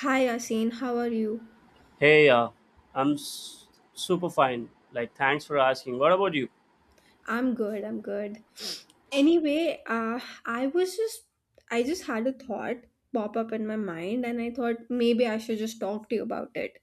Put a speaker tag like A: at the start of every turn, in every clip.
A: Hi, Asin. How are you?
B: Hey, I'm s- super fine. Like, thanks for asking. What about you?
A: I'm good. I'm good. Anyway, I just had a thought pop up in my mind, and I thought maybe I should just talk to you about it.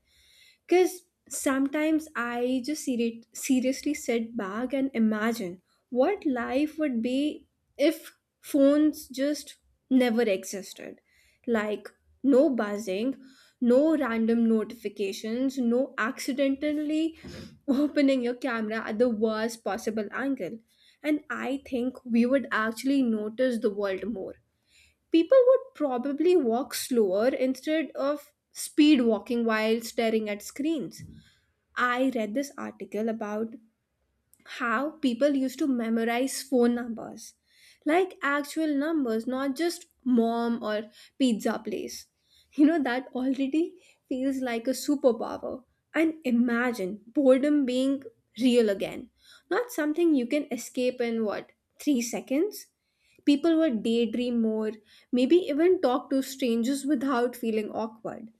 A: Because sometimes I just seriously sit back and imagine what life would be if phones just never existed. Like, no buzzing, no random notifications, no accidentally opening your camera at the worst possible angle. And I think we would actually notice the world more. People would probably walk slower instead of speed walking while staring at screens. I read this article about how people used to memorize phone numbers, like actual numbers, not just mom or pizza place. You know, that already feels like a superpower. And imagine boredom being real again, not something you can escape in, what, 3 seconds? People would daydream more, maybe even talk to strangers without feeling awkward.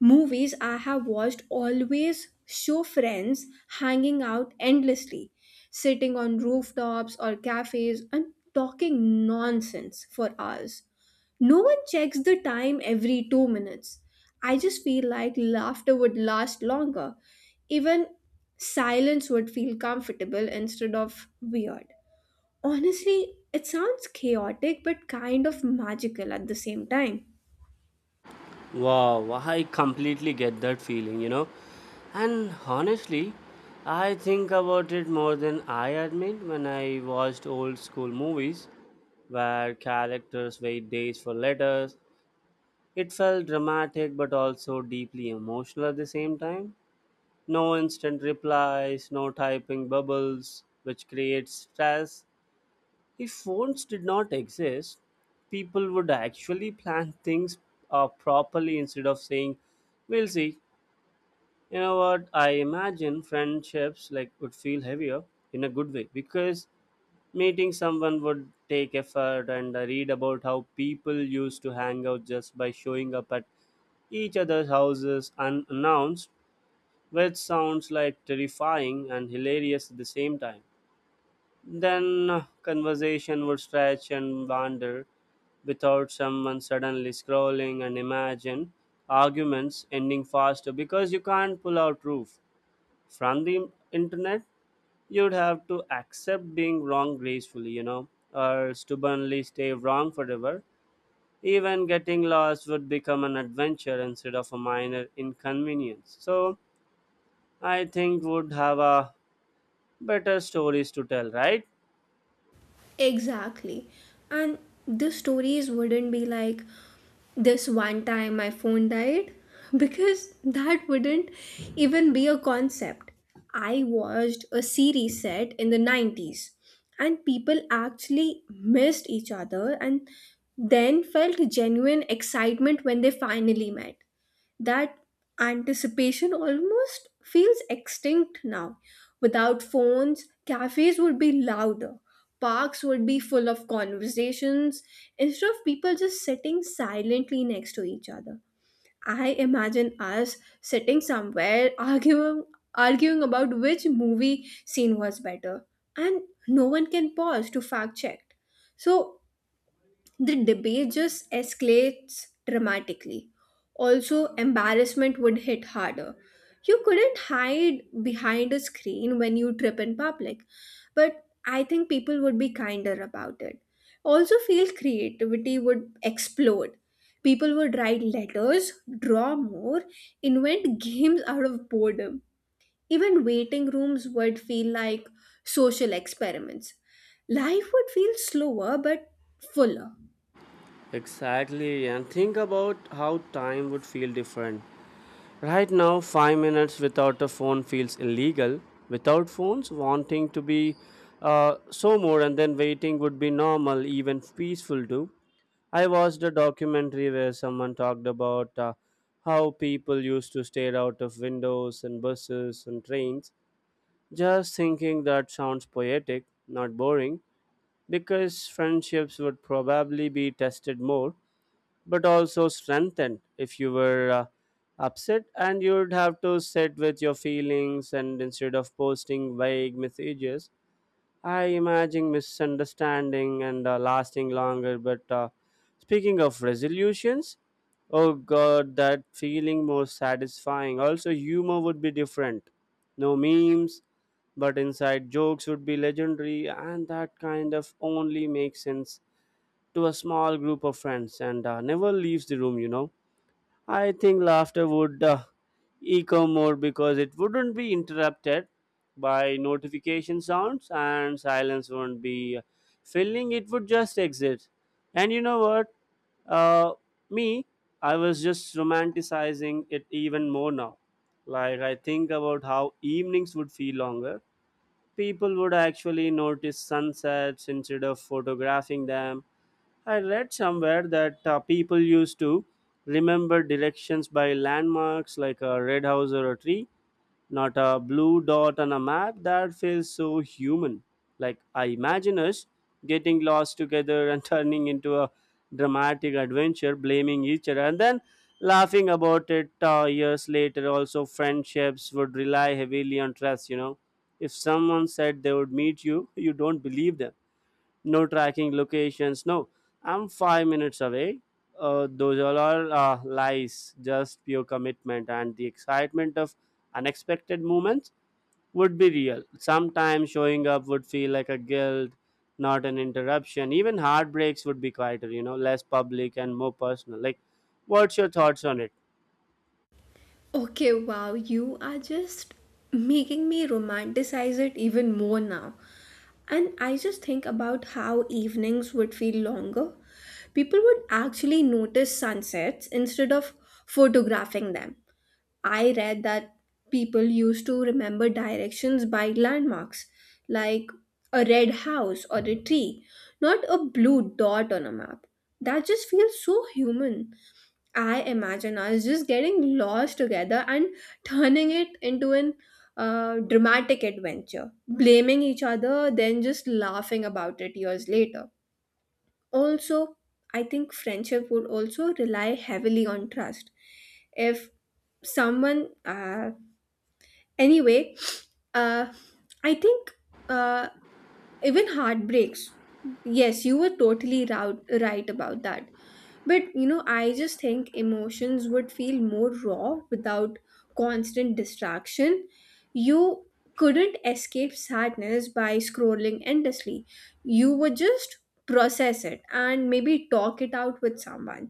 A: Movies I have watched always show friends hanging out endlessly, sitting on rooftops or cafes and talking nonsense for hours. No one checks the time every 2 minutes. I just feel like laughter would last longer. Even silence would feel comfortable instead of weird. Honestly, it sounds chaotic but kind of magical at the same time.
B: Wow, I completely get that feeling, you know. And honestly, I think about it more than I admit when I watched old school movies where characters wait days for letters. It felt dramatic but also deeply emotional at the same time. No instant replies, no typing bubbles, which creates stress. If phones did not exist, people would actually plan things properly instead of saying, "We'll see." You know what? I imagine friendships like would feel heavier in a good way because meeting someone would take effort, and I read about how people used to hang out just by showing up at each other's houses unannounced, which sounds like terrifying and hilarious at the same time. Then conversation would stretch and wander without someone suddenly scrolling, and imagine arguments ending faster because you can't pull out proof from the internet. You'd have to accept being wrong gracefully, you know, or stubbornly stay wrong forever. Even getting lost would become an adventure instead of a minor inconvenience. So I think would have a better stories to tell, right?
A: Exactly. And the stories wouldn't be like this one time my phone died because that wouldn't even be a concept. I watched a series set in the 90s and people actually missed each other and then felt genuine excitement when they finally met. That anticipation almost feels extinct now. Without phones, cafes would be louder, parks would be full of conversations, instead of people just sitting silently next to each other. I imagine us sitting somewhere arguing about which movie scene was better, and no one can pause to fact check. So the debate just escalates dramatically. Also, embarrassment would hit harder. You couldn't hide behind a screen when you trip in public, but I think people would be kinder about it. Also, feel creativity would explode. People would write letters, draw more, invent games out of boredom. Even waiting rooms would feel like social experiments. Life would feel slower but fuller.
B: Exactly, and think about how time would feel different. Right now, 5 minutes without a phone feels illegal. Without phones, wanting to be so more, and then waiting would be normal, even peaceful too. I watched a documentary where someone talked about how people used to stare out of windows and buses and trains, just thinking that sounds poetic, not boring, because friendships would probably be tested more but also strengthened. If you were upset, and you'd have to sit with your feelings and instead of posting vague messages. I imagine misunderstanding and lasting longer, but speaking of resolutions, oh god, that feeling more satisfying. Also, humor would be different. No memes, but inside jokes would be legendary, and that kind of only makes sense to a small group of friends and never leaves the room, you know. I think laughter would echo more because it wouldn't be interrupted by notification sounds, and silence wouldn't be filling, it would just exit. And you know what? Uh, me, I was just romanticizing it even more now. Like, I think about how evenings would feel longer. People would actually notice sunsets instead of photographing them. I read somewhere that people used to remember directions by landmarks, like a red house or a tree, not a blue dot on a map. That feels so human. Like, I imagine us getting lost together and turning into a dramatic adventure, blaming each other, and then laughing about it years later. Also, friendships would rely heavily on trust, you know. If someone said they would meet you, you don't believe them, no tracking locations. No, I'm 5 minutes away. Those are all are lies, just pure commitment, and the excitement of unexpected moments would be real. Sometimes showing up would feel like a guilt, not an interruption. Even heartbreaks would be quieter, you know, less public and more personal. Like, what's your thoughts on it?
A: Okay, wow, you are just making me romanticize it even more now. And I just think about how evenings would feel longer. People would actually notice sunsets instead of photographing them. I read that people used to remember directions by landmarks, like a red house or a tree, not a blue dot on a map. That just feels so human. I imagine us just getting lost together and turning it into an dramatic adventure, blaming each other, then just laughing about it years later. Also, I think friendship would also rely heavily on trust. If someone, uh, anyway, uh, I think uh, even heartbreaks. Yes, you were totally right about that. But you know, I just think emotions would feel more raw without constant distraction. You couldn't escape sadness by scrolling endlessly. You would just process it and maybe talk it out with someone.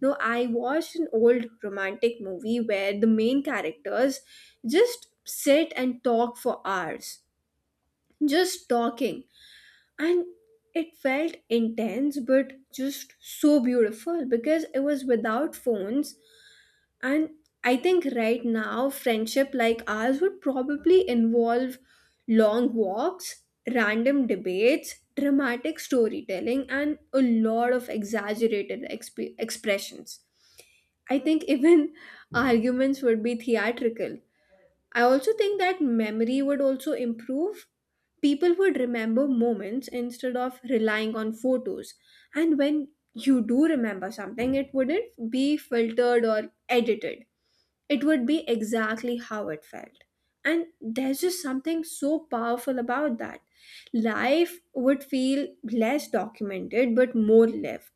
A: No, I watched an old romantic movie where the main characters just sit and talk for hours, just talking, and it felt intense but just so beautiful because it was without phones. And I think right now friendship like ours would probably involve long walks, random debates, dramatic storytelling, and a lot of exaggerated expressions. I think even arguments would be theatrical. I also think that memory would also improve. People would remember moments instead of relying on photos. And when you do remember something, it wouldn't be filtered or edited, it would be exactly how it felt. And there's just something so powerful about that. Life would feel less documented but more lived.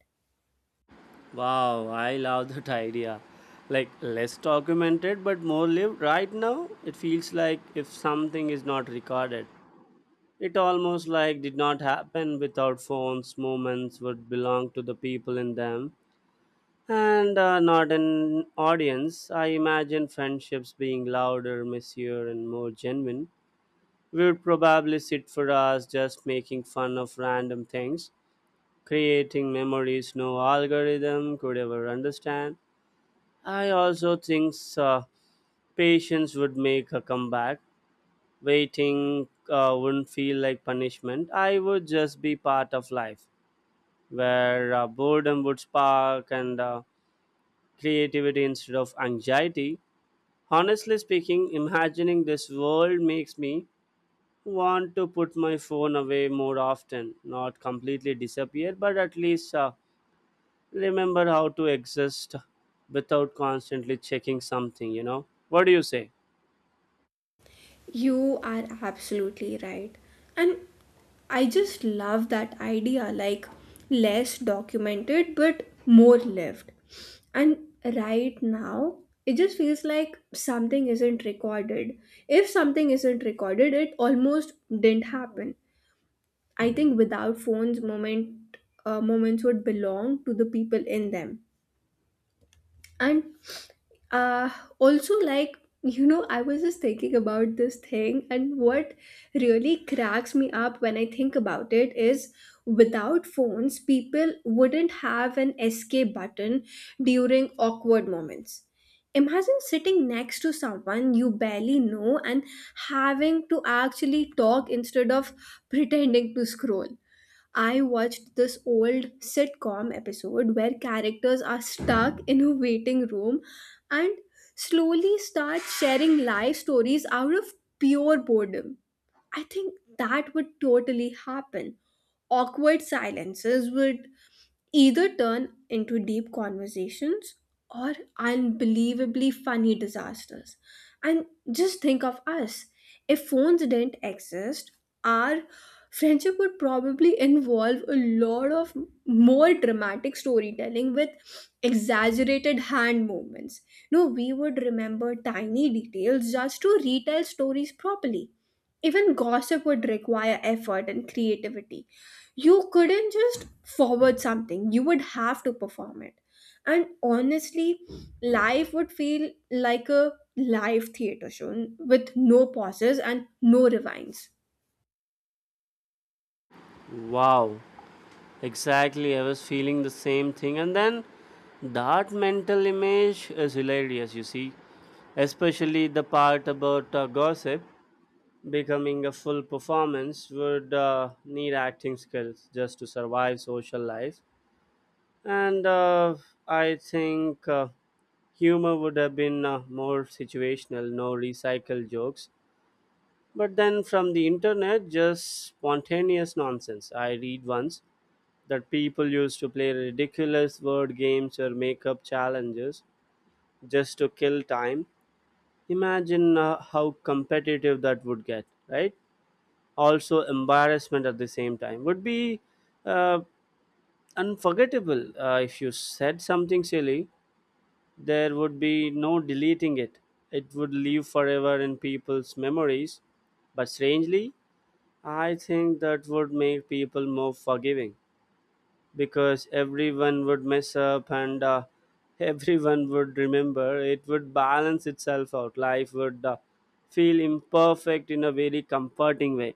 B: Wow, I love that idea. Like less documented but more lived. Right now, it feels like if something is not recorded, it almost like did not happen without phones. Moments would belong to the people in them and not an audience. I imagine friendships being louder, messier, and more genuine. We would probably sit for hours just making fun of random things, creating memories no algorithm could ever understand. I also think patience would make a comeback. Waiting wouldn't feel like punishment. I would just be part of life where boredom would spark and creativity instead of anxiety. Honestly speaking, imagining this world makes me want to put my phone away more often, not completely disappear, but at least remember how to exist without constantly checking something, you know? What do you say?
A: You are absolutely right. And I just love that idea, like less documented but more lived. And right now, it just feels like something isn't recorded. If something isn't recorded, it almost didn't happen. I think without phones, moments would belong to the people in them, and uh also, like, you know, I was just thinking about this thing, and what really cracks me up when I think about it is without phones people wouldn't have an escape button during awkward moments. Imagine sitting next to someone you barely know and having to actually talk instead of pretending to scroll. I watched this old sitcom episode where characters are stuck in a waiting room and slowly start sharing life stories out of pure boredom. I think that would totally happen. Awkward silences would either turn into deep conversations or unbelievably funny disasters. And just think of us. If phones didn't exist, our friendship would probably involve a lot of more dramatic storytelling with exaggerated hand movements. No, we would remember tiny details just to retell stories properly. Even gossip would require effort and creativity. You couldn't just forward something, you would have to perform it. And honestly, life would feel like a live theater show with no pauses and no rewinds.
B: Wow, exactly, I was feeling the same thing. And then that mental image is hilarious, you see, especially the part about gossip becoming a full performance would need acting skills just to survive social life. And I think humor would have been more situational, no recycled jokes. But then from the internet, just spontaneous nonsense. I read once that people used to play ridiculous word games or make up challenges just to kill time. Imagine how competitive that would get, right? Also, embarrassment at the same time would be uh, unforgettable. If you said something silly, there would be no deleting it, it would live forever in people's memories. But strangely, I think that would make people more forgiving because everyone would mess up, and everyone would remember. It would balance itself out. Life would feel imperfect in a very comforting way.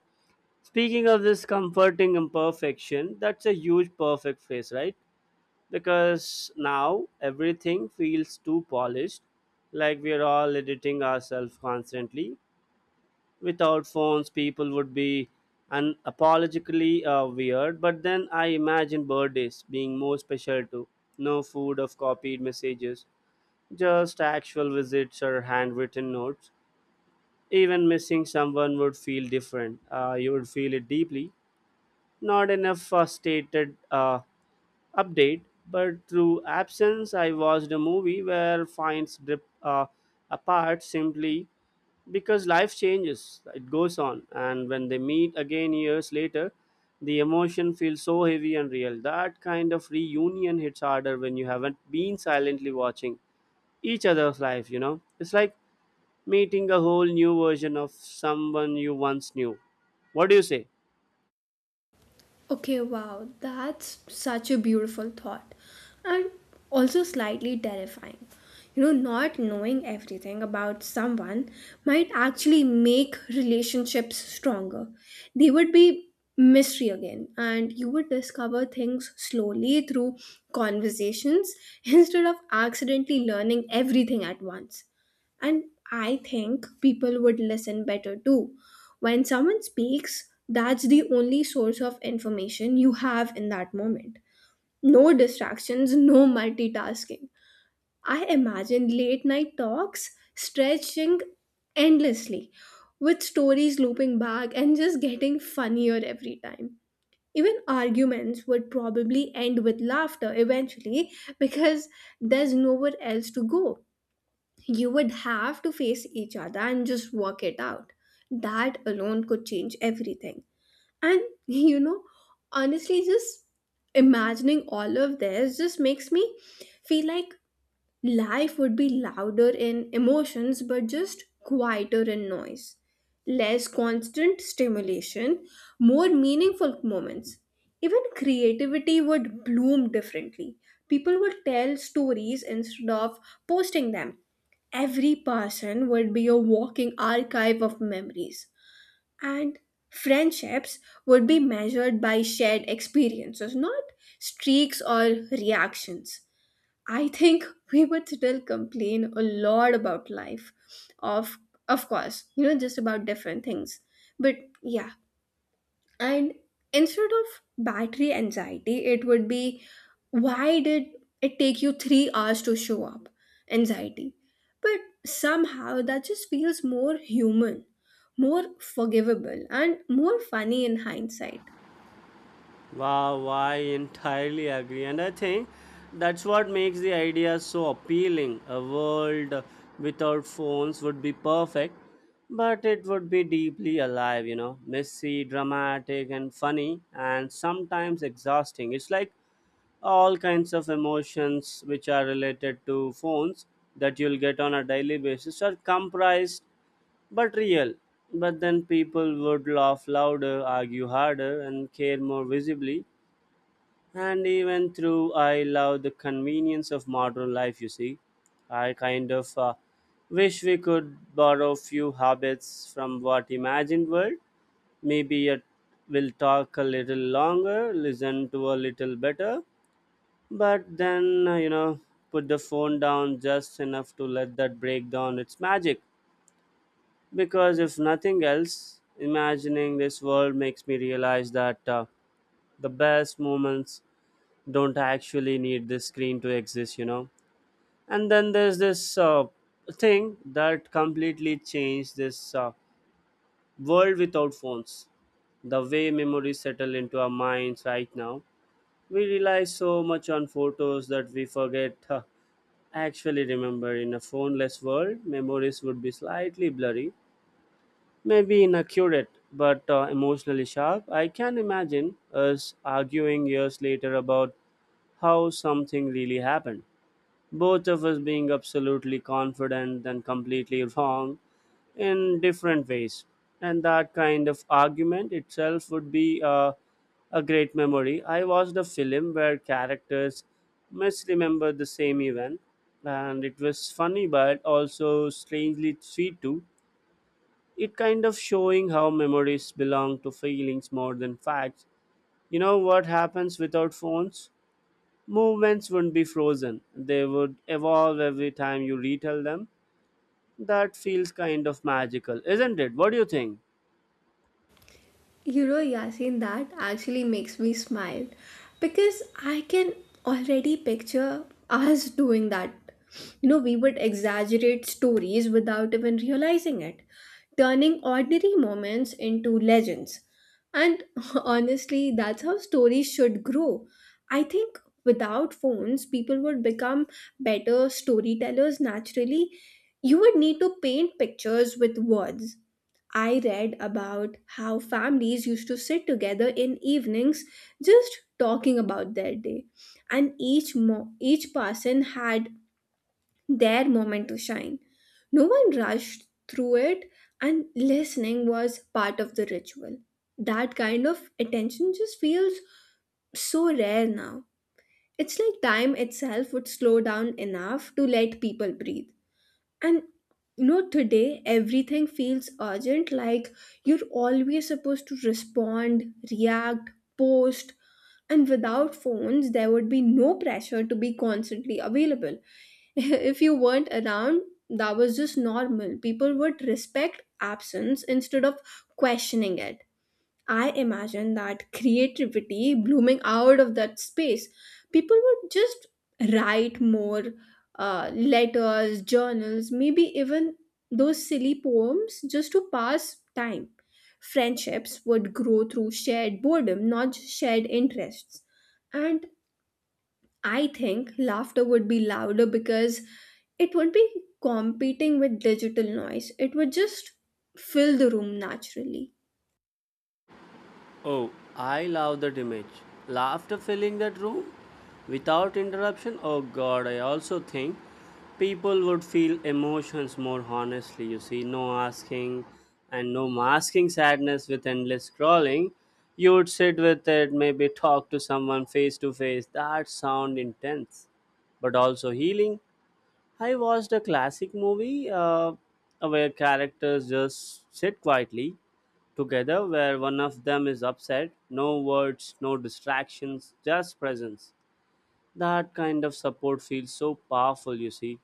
B: Speaking of this comforting imperfection, that's a huge perfect phase, right? Because now everything feels too polished, like we are all editing ourselves constantly. Without phones, people would be unapologetically weird. But then I imagine birthdays being more special too. No food of copied messages, just actual visits or handwritten notes. Even missing someone would feel different. You would feel it deeply, not enough stated update, but through absence. I watched a movie where finds drip apart simply because life changes, it goes on, and when they meet again years later, the emotion feels so heavy and real. That kind of reunion hits harder when you haven't been silently watching each other's life, you know. It's like meeting a whole new version of someone you once knew. What do you say?
A: Okay, wow, that's such a beautiful thought and also slightly terrifying. You know, not knowing everything about someone might actually make relationships stronger. They would be mystery again, and you would discover things slowly through conversations instead of accidentally learning everything at once. And I think people would listen better too. When someone speaks, that's the only source of information you have in that moment. No distractions, no multitasking. I imagine late night talks stretching endlessly, with stories looping back and just getting funnier every time. Even arguments would probably end with laughter eventually because there's nowhere else to go. You would have to face each other and just work it out. That alone could change everything. And you know, honestly, just imagining all of this just makes me feel like life would be louder in emotions, but just quieter in noise. Less constant stimulation, more meaningful moments. Even creativity would bloom differently. People would tell stories instead of posting them. Every person would be a walking archive of memories, and friendships would be measured by shared experiences, not streaks or reactions. I think we would still complain a lot about life, of of course, you know, just about different things. But yeah, and instead of battery anxiety, it would be, why did it take you 3 hours to show up? Anxiety. But somehow that just feels more human, more forgivable, and more funny in hindsight.
B: Wow, I entirely agree. And I think that's what makes the idea so appealing. A world without phones would be perfect, but it would be deeply alive, you know, messy, dramatic, and funny, and sometimes exhausting. It's like all kinds of emotions which are related to phones that you'll get on a daily basis are comprised but real. But then people would laugh louder, argue harder, and care more visibly, and even through, I love the convenience of modern life, you see. I kind of wish we could borrow few habits from what imagined world. Maybe it will talk a little longer, listen to a little better, but then, you know, put the phone down just enough to let that break down its magic. Because if nothing else, imagining this world makes me realize that the best moments don't I actually need this screen to exist, you know? And then there's this thing that completely changed this world without phones. The way memories settle into our minds right now, we rely so much on photos that we forget. Huh, actually, remember, in a phoneless world, memories would be slightly blurry, maybe inaccurate, but emotionally sharp. I can imagine us arguing years later about how something really happened, both of us being absolutely confident and completely wrong in different ways. And that kind of argument itself would be a great memory. I watched a film where characters misremember the same event, and it was funny but also strangely sweet too. It kind of showing how memories belong to feelings more than facts. You know what happens without phones? Movements wouldn't be frozen, they would evolve every time you retell them. That feels kind of magical, isn't it? What do you think?
A: You know, Yasin, that actually makes me smile because I can already picture us doing that. You know, we would exaggerate stories without even realizing it, turning ordinary moments into legends. And honestly, that's how stories should grow. I think without phones, people would become better storytellers naturally. You would need to paint pictures with words. I read about how families used to sit together in evenings just talking about their day, and each person had their moment to shine. No one rushed through it, and listening was part of the ritual. That kind of attention just feels so rare now. It's like time itself would slow down enough to let people breathe. And you know, today everything feels urgent, like you're always supposed to respond, react, post. And without phones, there would be no pressure to be constantly available. If you weren't around, that was just normal. People would respect absence instead of questioning it. I imagine that creativity blooming out of that space. People would just write more letters, journals, maybe even those silly poems just to pass time. Friendships would grow through shared boredom, not just shared interests. And I think laughter would be louder because it would be competing with digital noise. It would just fill the room naturally.
B: Oh, I love that image. Laughter filling that room without interruption. Oh god, I also think people would feel emotions more honestly, you see. No asking and no masking sadness with endless scrolling. You would sit with it, maybe talk to someone face to face. That sound intense, but also healing. I watched a classic movie where characters just sit quietly together, where one of them is upset. No words, no distractions, just presence. That kind of support feels so powerful, you see.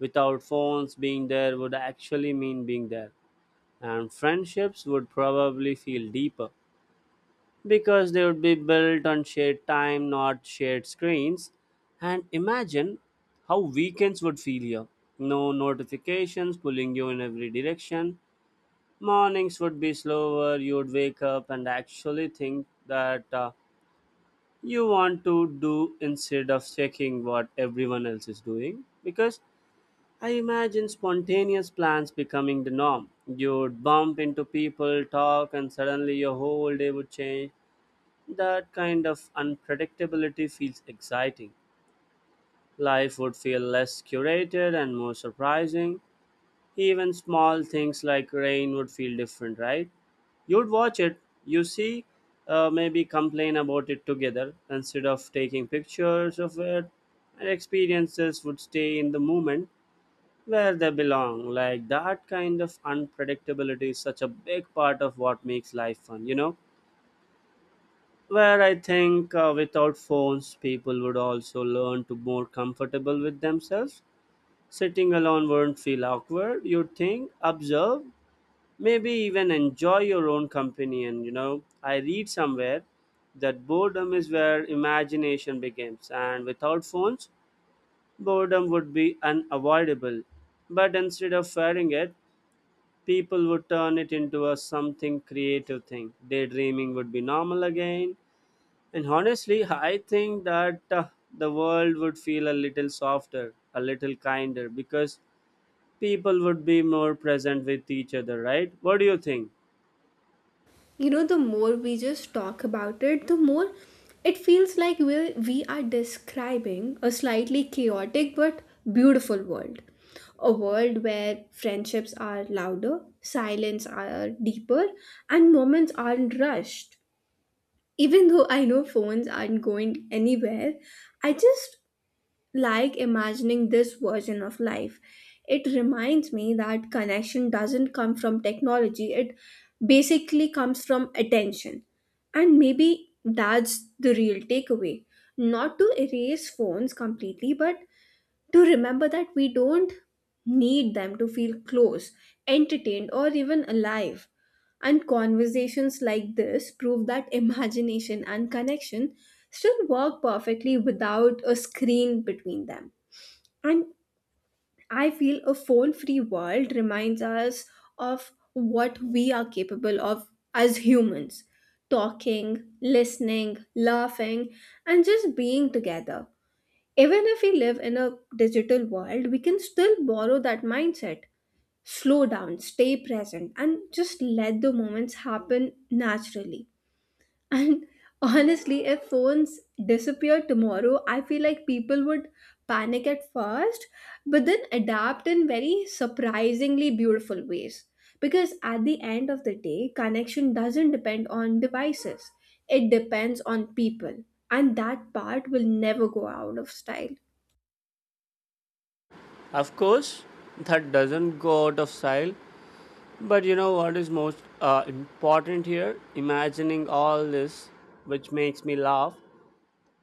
B: Without phones, being there would actually mean being there, and friendships would probably feel deeper because they would be built on shared time, not shared screens. And imagine how weekends would feel here. No notifications pulling you in every direction. Mornings would be slower. You would wake up and actually think that you want to do instead of checking what everyone else is doing. Because I imagine spontaneous plans becoming the norm. You would bump into people, talk, and suddenly your whole day would change. That kind of unpredictability feels exciting. Life would feel less curated and more surprising. Even small things like rain would feel different, right? You'd watch it, you see, maybe complain about it together instead of taking pictures of it, and experiences would stay in the moment where they belong. Like that kind of unpredictability is such a big part of what makes life fun, you know? Where I think without phones, people would also learn to more comfortable with themselves. Sitting alone wouldn't feel awkward. You'd think, observe, maybe even enjoy your own company. And you know, I read somewhere that boredom is where imagination begins, and without phones, boredom would be unavoidable. But instead of fearing it, people would turn it into a something creative thing. Daydreaming would be normal again and honestly, I think that the world would feel a little softer, a little kinder, because people would be more present with each other, right? What do you think?
A: You know, the more we just talk about it, the more it feels like we are describing a slightly chaotic but beautiful world. A world where friendships are louder, silence are deeper, and moments aren't rushed. Even though I know phones aren't going anywhere, I just like imagining this version of life. It reminds me that connection doesn't come from technology, it basically comes from attention. And maybe that's the real takeaway. Not to erase phones completely, but to remember that we don't need them to feel close, entertained, or even alive. And conversations like this prove that imagination and connection still work perfectly without a screen between them. And I feel a phone free world reminds us of what we are capable of as humans: talking, listening, laughing, and just being together. Even if we live in a digital world, we can still borrow that mindset. Slow down, stay present, and just let the moments happen naturally. And honestly, if phones disappear tomorrow, I feel like people would panic at first, but then adapt in very surprisingly beautiful ways. Because at the end of the day, connection doesn't depend on devices, it depends on people. And that part will never go out of style.
B: Of course, that doesn't go out of style. But you know what is most important here? Imagining all this, which makes me laugh,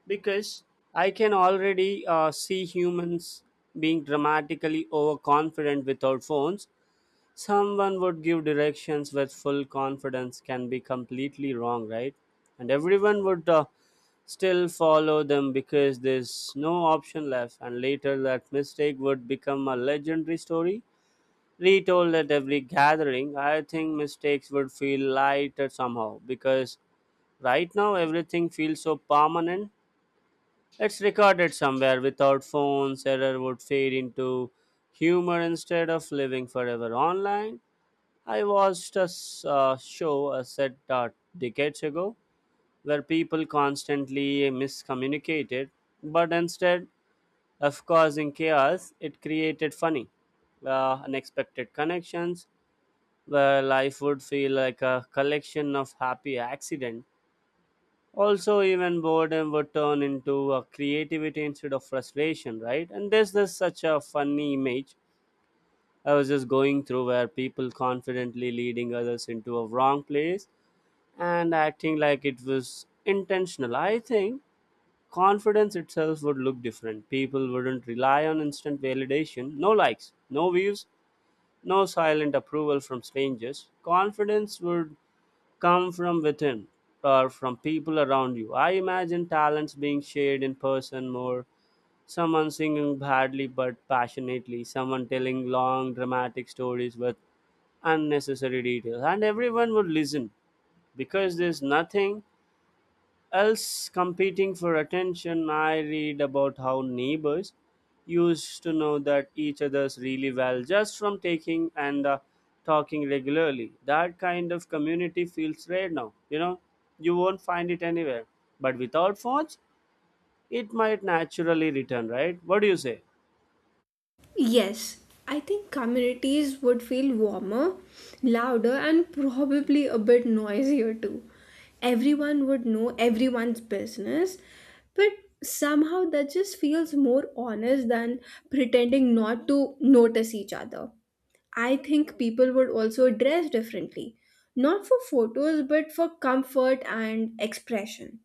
B: because I can already see humans being dramatically overconfident with our phones. Someone would give directions with full confidence can be completely wrong, right? And everyone would still follow them because there's no option left. And later, that mistake would become a legendary story retold at every gathering. I think mistakes would feel lighter somehow because right now everything feels so permanent, it's recorded somewhere. Without phones, error would fade into humor instead of living forever online. I watched a show set decades ago where people constantly miscommunicated, but instead of causing chaos, it created funny, unexpected connections where life would feel like a collection of happy accidents. Also, even boredom would turn into a creativity instead of frustration, right? And there's this such a funny image I was just going through, where people confidently leading others into a wrong place and acting like it was intentional. I think confidence itself would look different. People wouldn't rely on instant validation. No likes, no views, no silent approval from strangers. Confidence would come from within or from people around you. I imagine talents being shared in person more. Someone singing badly but passionately, someone telling long dramatic stories with unnecessary details, and everyone would listen because there's nothing else competing for attention. I read about how neighbors used to know that each other's really well just from taking and talking regularly. That kind of community feels rare now, you know, you won't find it anywhere. But without phones, it might naturally return, right? What do you say?
A: Yes, I think communities would feel warmer, louder, and probably a bit noisier too. Everyone would know everyone's business, but somehow that just feels more honest than pretending not to notice each other. I think people would also dress differently, not for photos, but for comfort and expression.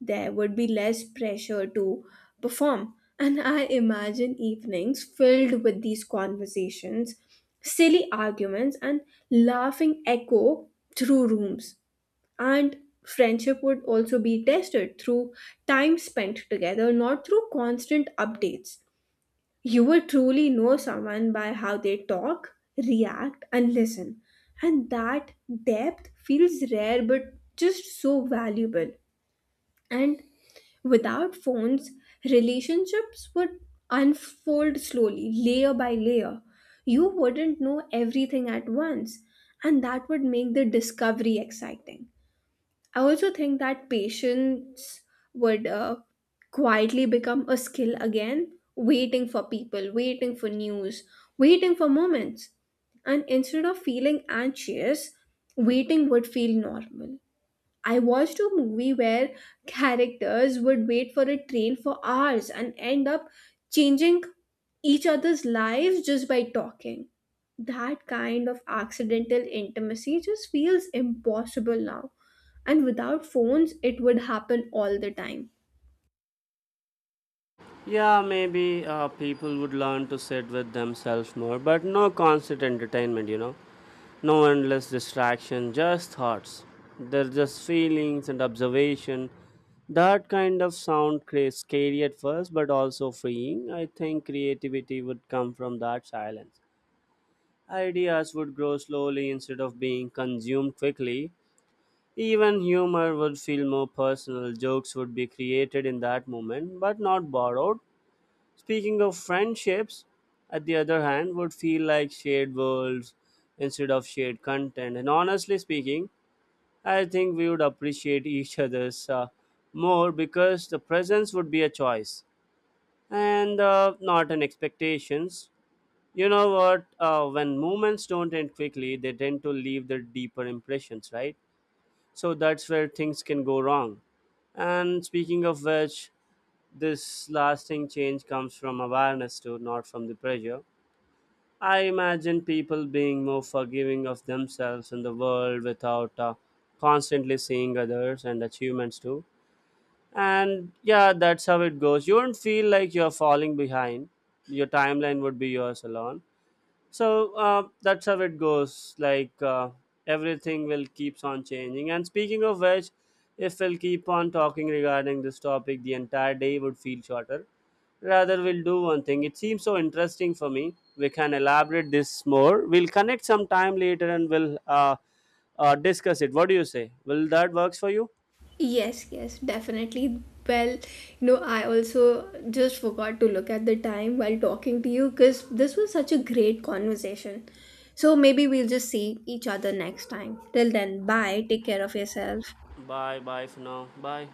A: There would be less pressure to perform. And I imagine evenings filled with these conversations, silly arguments, and laughing echo through rooms. And friendship would also be tested through time spent together, not through constant updates. You will truly know someone by how they talk, react, and listen. And that depth feels rare but just so valuable. And without phones, relationships would unfold slowly, layer by layer. You wouldn't know everything at once, and that would make the discovery exciting. I also think that patience would quietly become a skill again, waiting for people, waiting for news, waiting for moments. And instead of feeling anxious, waiting would feel normal. I watched a movie where characters would wait for a train for hours and end up changing each other's lives just by talking. That kind of accidental intimacy just feels impossible now. And without phones, it would happen all the time.
B: Yeah, maybe people would learn to sit with themselves more, but no constant entertainment, you know. No endless distraction, just thoughts. They're just feelings and observation. That kind of sound creates scary at first, but also freeing. I think creativity would come from that silence. Ideas would grow slowly instead of being consumed quickly. Even humor would feel more personal. Jokes would be created in that moment, but not borrowed. Speaking of friendships, at the other hand, would feel like shared worlds instead of shared content. And honestly speaking, I think we would appreciate each other's more because the presence would be a choice and not an expectations. You know what? When movements don't end quickly, they tend to leave their deeper impressions, right? So that's where things can go wrong. And speaking of which, this lasting change comes from awareness too, not from the pressure. I imagine people being more forgiving of themselves and the world without constantly seeing others and achievements too. And yeah, that's how it goes. You won't feel like you're falling behind. Your timeline would be yours alone, so that's how it goes. Everything will keeps on changing. And speaking of which, if we'll keep on talking regarding this topic, the entire day would feel shorter. Rather, we'll do one thing. It seems so interesting for me. We can elaborate this more. We'll connect some time later and we'll discuss it. What do you say? Will that works for you?
A: Yes, yes, definitely. Well, you know, I also just forgot to look at the time while talking to you because this was such a great conversation. So maybe we'll just see each other next time. Till then, bye. Take care of yourself.
B: Bye, bye for now. Bye.